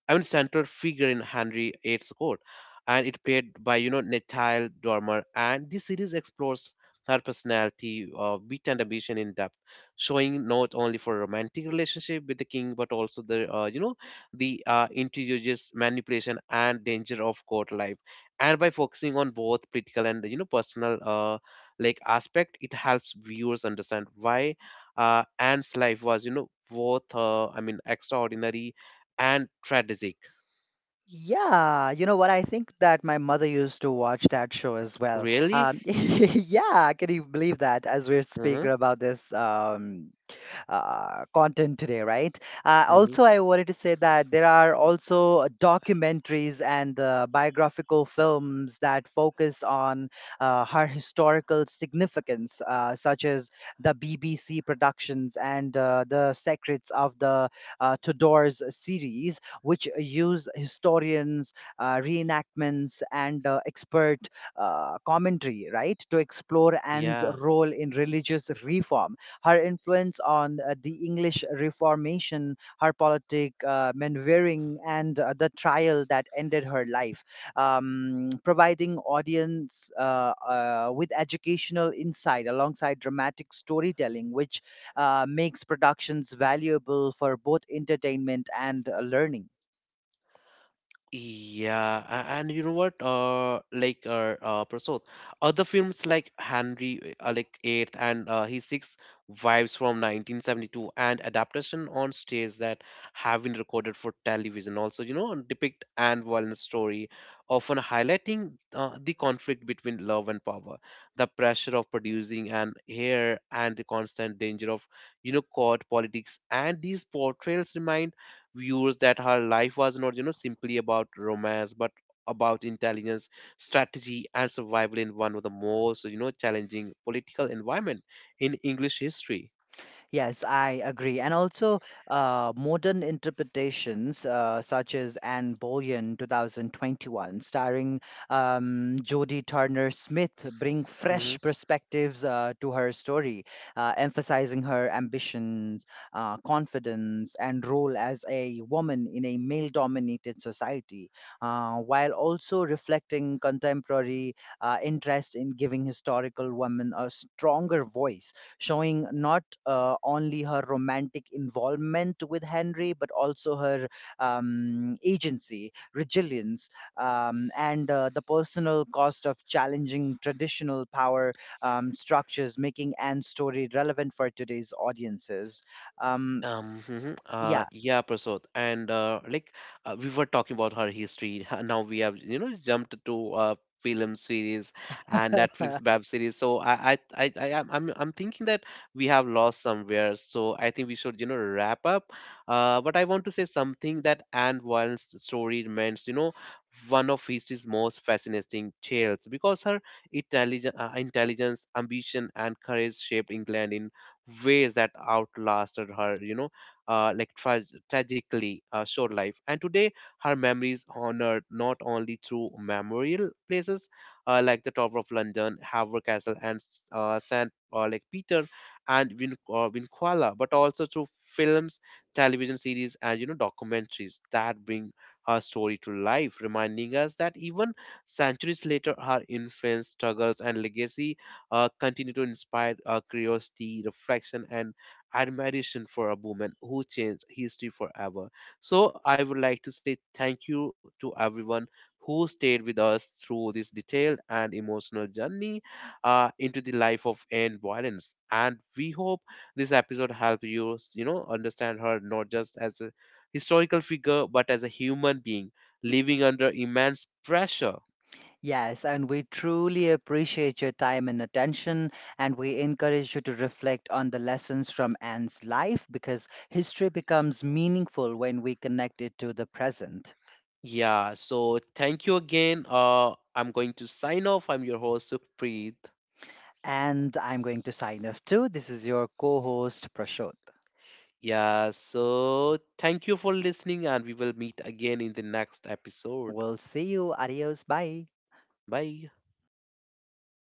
S1: central figure in Henry VIII's court, and it played by, Natile Dormer. And this series explores her personality, wit, and ambition in depth, showing not only for romantic relationship with the king, but also the, you know the introduces manipulation and danger of court life, and by focusing on both political and personal aspect, it helps viewers understand why Anne's life was both extraordinary and tragic.
S2: Yeah, you know what? I think that my mother used to watch that show as well.
S1: Really.
S2: Yeah, can you believe that? As we're
S1: Mm-hmm.
S2: speaking about this, content today, right?
S1: Mm-hmm.
S2: Also, I wanted to say that there are also documentaries and biographical films that focus on her historical significance, such as the BBC productions and the Secrets of the Tudors series, which use historians, reenactments, and expert commentary, right, to explore Anne's
S1: Yeah.
S2: role in religious reform, her influence on the English Reformation, her politic maneuvering, and the trial that ended her life, providing audience with educational insight alongside dramatic storytelling, which makes productions valuable for both entertainment and learning.
S1: Yeah, a- and you know what? Prasad, other films like Henry, Eighth and his Six Wives from 1972, and adaptation on stage that have been recorded for television also, depict Anne Boleyn's story, often highlighting the conflict between love and power, the pressure of producing an heir, and the constant danger of, court politics. And these portrayals remind viewers that her life was not simply about romance but about intelligence, strategy, and survival in one of the most challenging political environment in English history.
S2: Yes, I agree. And also, modern interpretations such as Anne Boleyn 2021, starring Jodie Turner Smith, bring
S1: Mm-hmm.
S2: fresh perspectives to her story, emphasizing her ambitions, confidence, and role as a woman in a male dominated society, while also reflecting contemporary interest in giving historical women a stronger voice, showing not only her romantic involvement with Henry, but also her agency, resilience, and the personal cost of challenging traditional power structures, making Anne's story relevant for today's audiences. Um,
S1: Mhm,
S2: yeah,
S1: yeah, Prasad, and we were talking about her history. Now we have jumped to film series and Netflix web series. So I'm thinking that we have lost somewhere, so I think we should wrap up. But I want to say something, that Anne Wilde's story remains one of history's most fascinating tales because her intelligence, ambition, and courage shaped England in ways that outlasted her, uh, like tra- tragically short life. And today, her memory is honored not only through memorial places like the Tower of London, Haver Castle, and St. Peter and Vinquala, but also through films, television series, and documentaries that bring her story to life, reminding us that even centuries later, her influence, struggles, and legacy continue to inspire curiosity, reflection, and admiration for a woman who changed history forever. So I would like to say thank you to everyone who stayed with us through this detailed and emotional journey into the life of Anne Violence. And we hope this episode helped you, understand her not just as a historical figure, but as a human being living under immense pressure.
S2: Yes, and we truly appreciate your time and attention, and we encourage you to reflect on the lessons from Anne's life because history becomes meaningful when we connect it to the present.
S1: Yeah, so thank you again. I'm going to sign off. I'm your host, Supreet.
S2: And I'm going to sign off too. This is your co host, Prashant.
S1: Yeah, so thank you for listening, and we will meet again in the next episode.
S2: We'll see you. Adios. Bye.
S1: Bye.